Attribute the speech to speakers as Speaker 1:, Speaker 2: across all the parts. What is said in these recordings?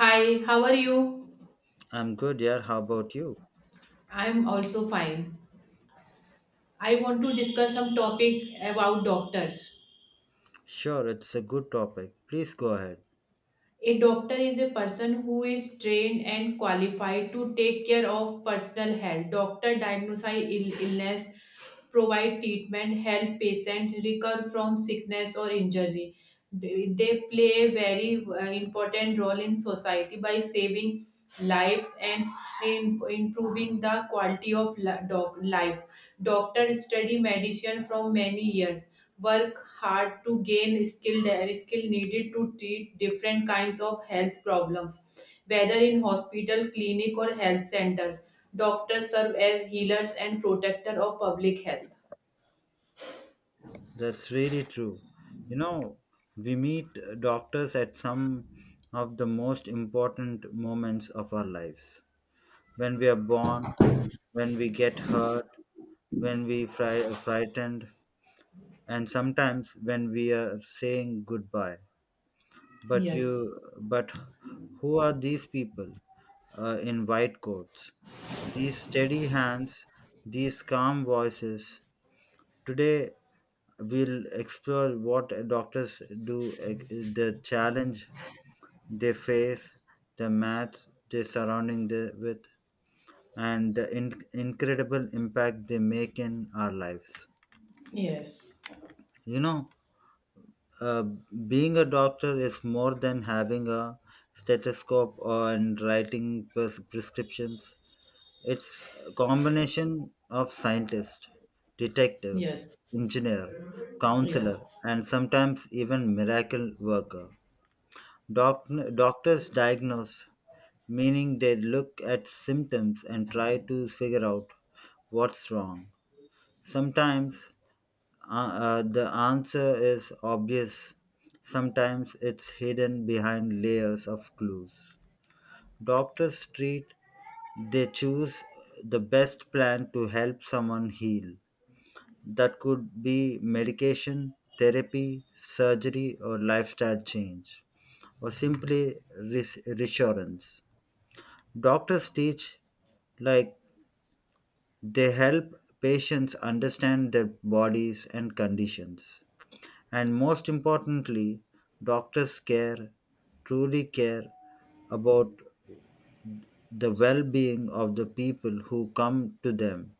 Speaker 1: Hi, how are you?
Speaker 2: I'm good, yeah. How about you?
Speaker 1: I'm also fine. I want to discuss some topic about doctors.
Speaker 2: Sure, it's a good topic. Please go ahead.
Speaker 1: A doctor is a person who is trained and qualified to take care of personal health. Doctor diagnose illness, provide treatment, help patient recover from sickness or injury. They play a very important role in society by saving lives and improving the quality of life. Doctors study medicine from many years, work hard to gain skill and skill needed to treat different kinds of health problems, whether in hospital, clinic, or health centers, doctors serve as healers and protector of public health.
Speaker 2: That's really true. You know, we meet doctors at some of the most important moments of our lives. When we are born, when we get hurt, when we frightened, and sometimes when we are saying goodbye. But
Speaker 1: Yes.
Speaker 2: you, but who are these people in white coats? These steady hands, these calm voices. Today we'll explore what doctors do, the challenge they face, the maths they're surrounding with, and the incredible impact they make in our lives.
Speaker 1: Yes.
Speaker 2: You know, Uh, being a doctor is more than having a stethoscope and writing prescriptions. It's a combination of scientist, detective,
Speaker 1: Yes.
Speaker 2: engineer,
Speaker 1: Yes.
Speaker 2: counselor, and sometimes even miracle worker. Doc- doctors diagnose, meaning they look at symptoms and try to figure out what's wrong. Sometimes the answer is obvious. Sometimes it's hidden behind layers of clues. Doctors treat, they choose the best plan to help someone heal. That could be medication, therapy, surgery, or lifestyle change, or simply reassurance. Doctors teach, like, they help patients understand their bodies and conditions. And most importantly, doctors care, truly care about the well being of the people who come to them.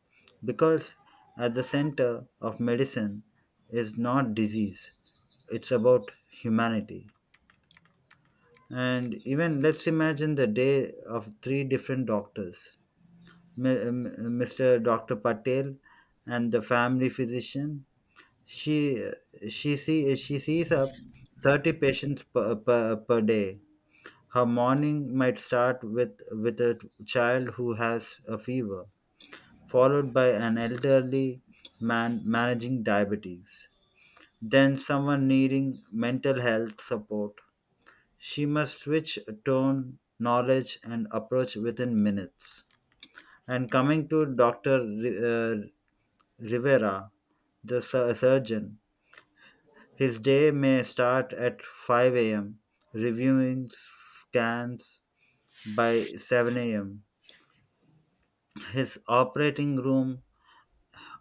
Speaker 2: Because at the center of medicine is not disease, it's about humanity. And even let's imagine the day of three different doctors. Mr. Dr. Patel and the family physician, She she sees up 30 patients per day. Her morning might start with a child who has a fever, followed by an elderly man managing diabetes, then someone needing mental health support. She must switch tone, knowledge, and approach within minutes. And coming to Doctor Rivera, the surgeon. His day may start at 5 a.m., reviewing scans by 7 a.m. His operating room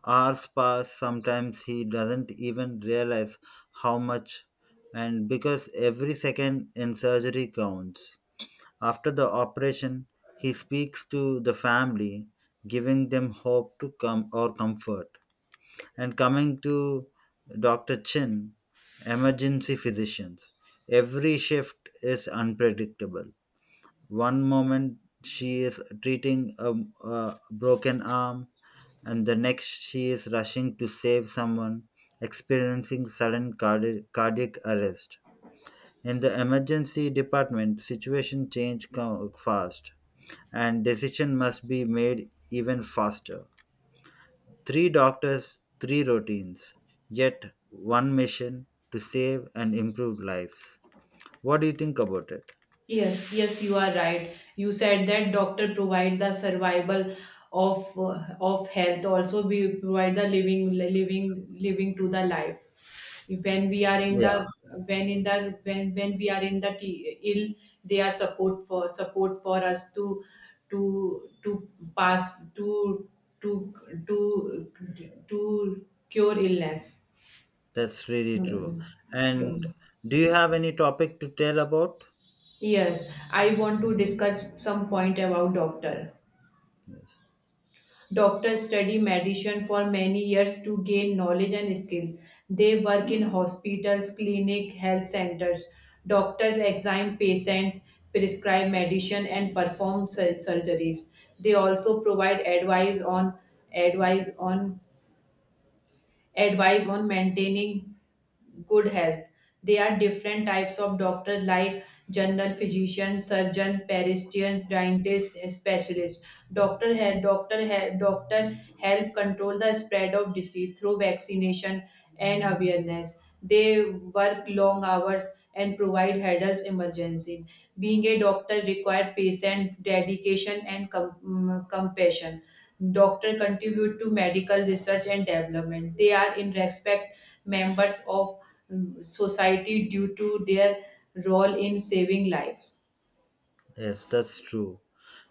Speaker 2: hours pass, sometimes he doesn't even realize how much, and because every second in surgery counts. After the operation, he speaks to the family, giving them hope to come or comfort. And coming to Dr. Chin, emergency physicians, every shift is unpredictable. One moment she is treating a broken arm, and the next she is rushing to save someone experiencing sudden cardiac arrest. In the emergency department, situation change fast, and decision must be made even faster. Three doctors, three routines, yet one mission to save and improve lives. What do you think about it?
Speaker 1: Yes, yes, you are right. You said that doctor provide the survival of health. Also, we provide the living to the life. When we are in
Speaker 2: Yeah,
Speaker 1: the when we are in the ill, they are support for us to pass to to to cure illness.
Speaker 2: that's really true.
Speaker 1: Hmm.
Speaker 2: And do you have any topic to tell about?
Speaker 1: Yes, I want to discuss some point about doctor.
Speaker 2: Yes.
Speaker 1: Doctors study medicine for many years to gain knowledge and skills. They work in hospitals, clinic, health centers. Doctors examine patients, prescribe medicine, and perform surgeries. They also provide advice on advice on maintaining good health. There are different types of doctors like general physician, surgeon, peristian, dentist, specialist. Doctor help control the spread of disease through vaccination and awareness. They work long hours and provide hurdles emergency. Being a doctor required patient, dedication, and compassion. Doctor contribute to medical research and development. They are in respect members of society due to their role in saving lives.
Speaker 2: Yes, that's true.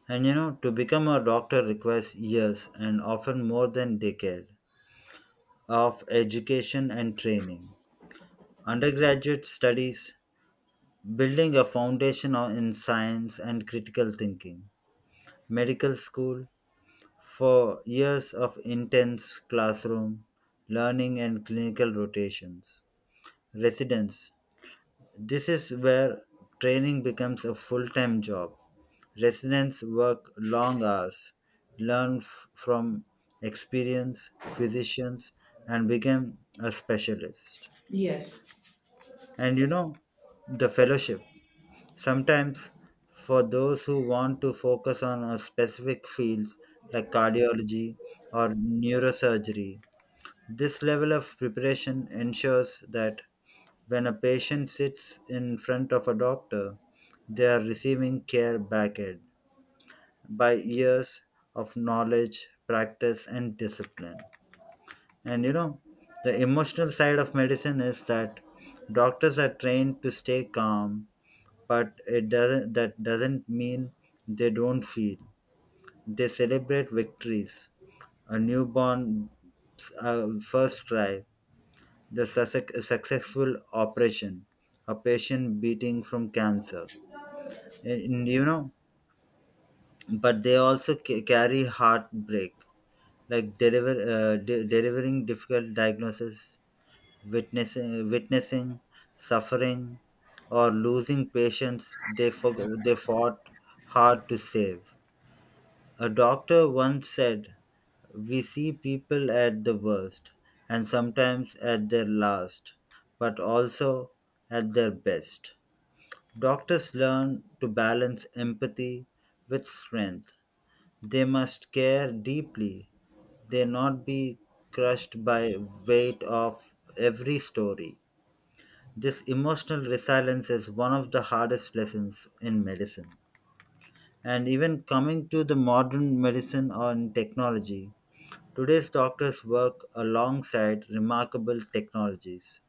Speaker 2: And you know, to become a doctor requires years and often more than decade of education and training. Undergraduate studies, building a foundation in science and critical thinking, medical school, for years of intense classroom learning and clinical rotations. Residence, this is where training becomes a full time job. Residents work long hours, learn from experienced physicians, and become a specialist.
Speaker 1: Yes.
Speaker 2: And you know, the fellowship. Sometimes, for those who want to focus on a specific field like cardiology or neurosurgery, this level of preparation ensures that when a patient sits in front of a doctor, they are receiving care backed by years of knowledge, practice, and discipline. And you know, the emotional side of medicine is that doctors are trained to stay calm, but it doesn't that doesn't mean they don't feel. They celebrate victories, a newborn first try, the successful operation, a patient beating from cancer. And, you know, but they also carry heartbreak, like delivering difficult diagnosis, witnessing suffering, or losing patients they, forg they fought hard to save. A doctor once said, we see people at the worst and sometimes at their last, but also at their best. Doctors learn to balance empathy with strength. They must care deeply. They not be crushed by weight of every story. This emotional resilience is one of the hardest lessons in medicine. And even coming to the modern medicine on technology, today's doctors work alongside remarkable technologies,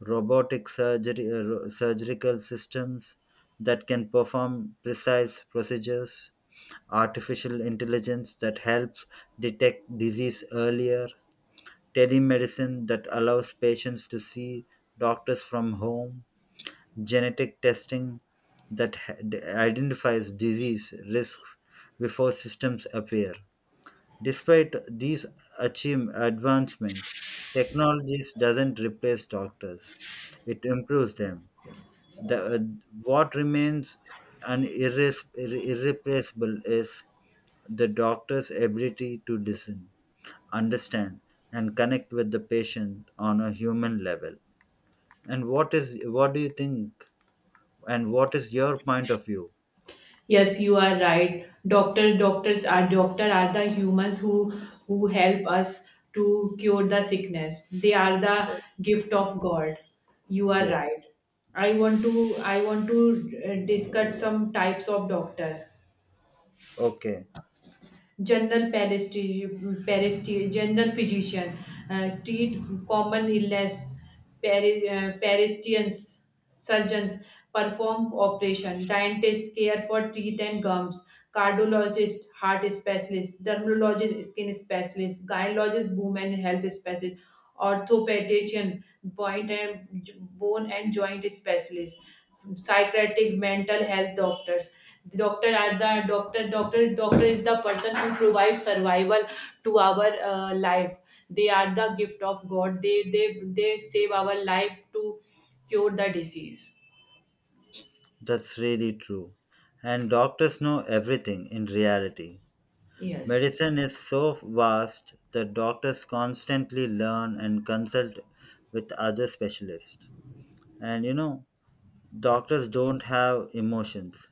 Speaker 2: robotic surgery, surgical systems that can perform precise procedures, artificial intelligence that helps detect disease earlier, telemedicine that allows patients to see doctors from home, genetic testing that ha- identifies disease risks before systems appear. Despite these achieve advancement, technologies doesn't replace doctors; it improves them. The, uh, what remains an irreplaceable is the doctor's ability to listen, understand, and connect with the patient on a human level. And what do you think? And what is your point of view?
Speaker 1: Yes, you are right. Doctors are the humans who help us to cure the sickness. They are the gift of God. You are
Speaker 2: Yes.
Speaker 1: right. I want to discuss some types of doctor.
Speaker 2: Okay,
Speaker 1: General general physician, treat common illness, peristians, surgeons perform operation, dentists care for teeth and gums, cardiologist, heart specialist, dermatologist, skin specialist, gynecologist, women health specialist, orthopedician, point and bone and joint specialist, psychiatric mental health doctors. Doctor are the doctor doctor doctor is the person who provides survival to our life. They are the gift of God. They save our life to cure the disease.
Speaker 2: that's really true. And doctors know everything in reality.
Speaker 1: Yes.
Speaker 2: Medicine is so vast that doctors constantly learn and consult with other specialists. And you know, doctors don't have emotions.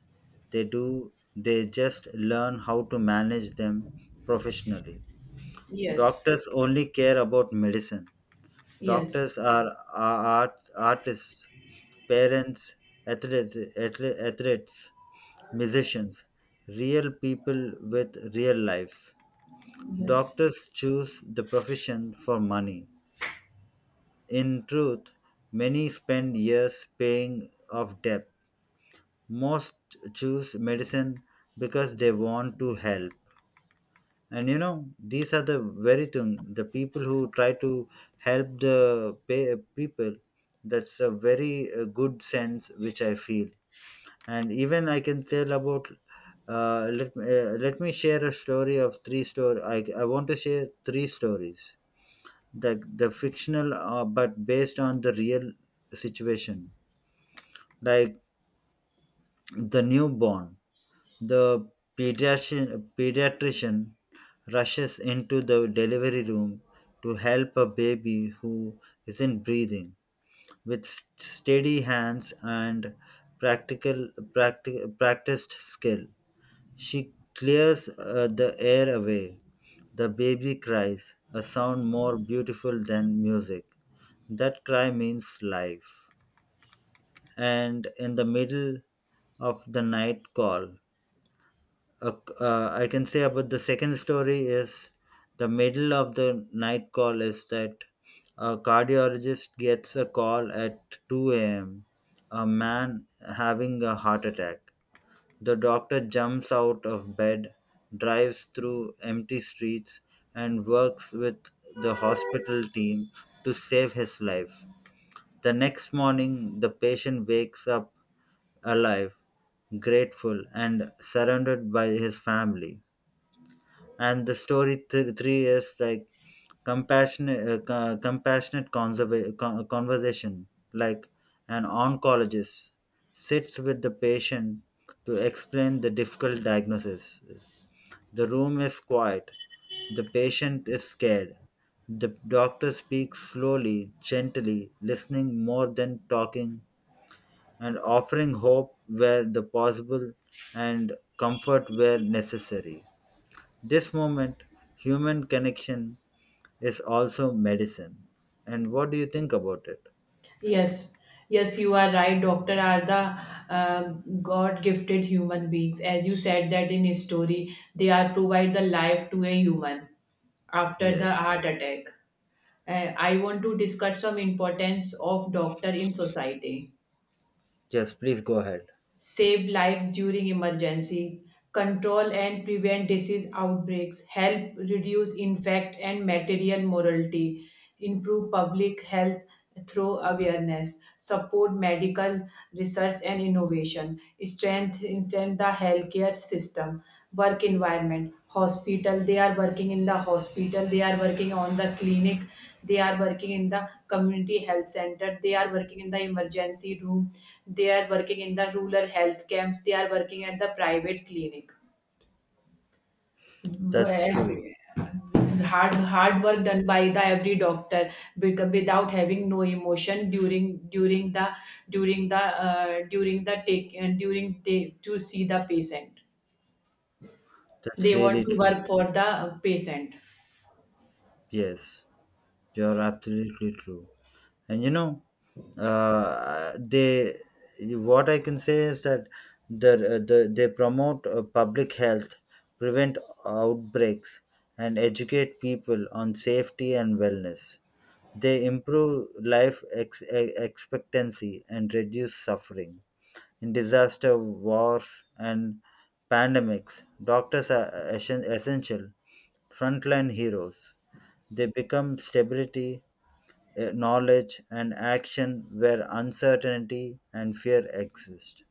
Speaker 2: They do, they just learn how to manage them professionally.
Speaker 1: Yes.
Speaker 2: Doctors only care about medicine.
Speaker 1: Yes.
Speaker 2: Doctors are artists, parents, athletes, musicians, real people with real life.
Speaker 1: Yes.
Speaker 2: Doctors choose the profession for money. In truth, many spend years paying off debt. Most choose medicine because they want to help. And you know, these are the very thing the people who try to help the pay, people. That's a very good sense which I feel. And even I can tell about. Let me share a story of three story. I want to share three stories. The fictional but based on the real situation, like the newborn, the pediatrician rushes into the delivery room to help a baby who isn't breathing with steady hands and practical practiced skill. She clears the air away. The baby cries, a sound more beautiful than music. That cry means life. And in the middle of the night call, uh, I can say about the second story is the middle of the night call is that a cardiologist gets a call at 2 a.m. A man having a heart attack. The doctor jumps out of bed, drives through empty streets, and works with the hospital team to save his life. The next morning, the patient wakes up alive, grateful, and surrounded by his family. And the story three is like compassionate compassionate conversation, like an oncologist sits with the patient to explain the difficult diagnosis. The room is quiet, the patient is scared, the doctor speaks slowly, gently, listening more than talking, and offering hope where the possible and comfort where necessary. This moment, human connection, is also medicine. And what do you think about it?
Speaker 1: Yes. Yes, you are right. Doctor are the uh, god gifted human beings, as you said that in his story they are provide the life to a human after the
Speaker 2: Yes.
Speaker 1: heart attack. I want to discuss some importance of doctor in society.
Speaker 2: Yes, please go ahead.
Speaker 1: Save lives during emergency, control and prevent disease outbreaks, help reduce infect and material mortality, improve public health through awareness, support medical research and innovation, strengthen the healthcare system, work environment, hospital. They are working in the hospital, they are working on the clinic, they are working in the community health center. They are working in the emergency room. They are working in the rural health camps. They are working at the private clinic.
Speaker 2: That's true.
Speaker 1: Where hard work done by the every doctor, without having no emotion during the take and during they to see the patient.
Speaker 2: That's
Speaker 1: They want
Speaker 2: really
Speaker 1: to
Speaker 2: true.
Speaker 1: work for the patient.
Speaker 2: Yes. You're absolutely true. And you know, they, what I can say is that the, they promote public health, prevent outbreaks, and educate people on safety and wellness. They improve life expectancy and reduce suffering. In disaster, wars, and pandemics, doctors are essential frontline heroes. They become stability, knowledge and action where uncertainty and fear exist.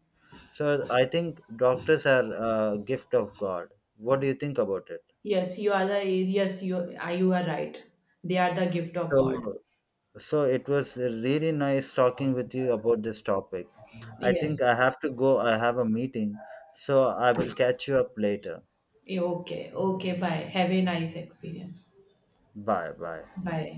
Speaker 2: So I think doctors are a gift of God. What do you think about it?
Speaker 1: Yes, you are the yes, you are right. They are the gift of God.
Speaker 2: So, so, it was really nice talking with you about this topic. I think
Speaker 1: Yes.
Speaker 2: I have to go. I have a meeting. So I will catch you up later.
Speaker 1: Yeah, okay, okay, bye. Have a nice experience.
Speaker 2: Bye bye.
Speaker 1: Bye.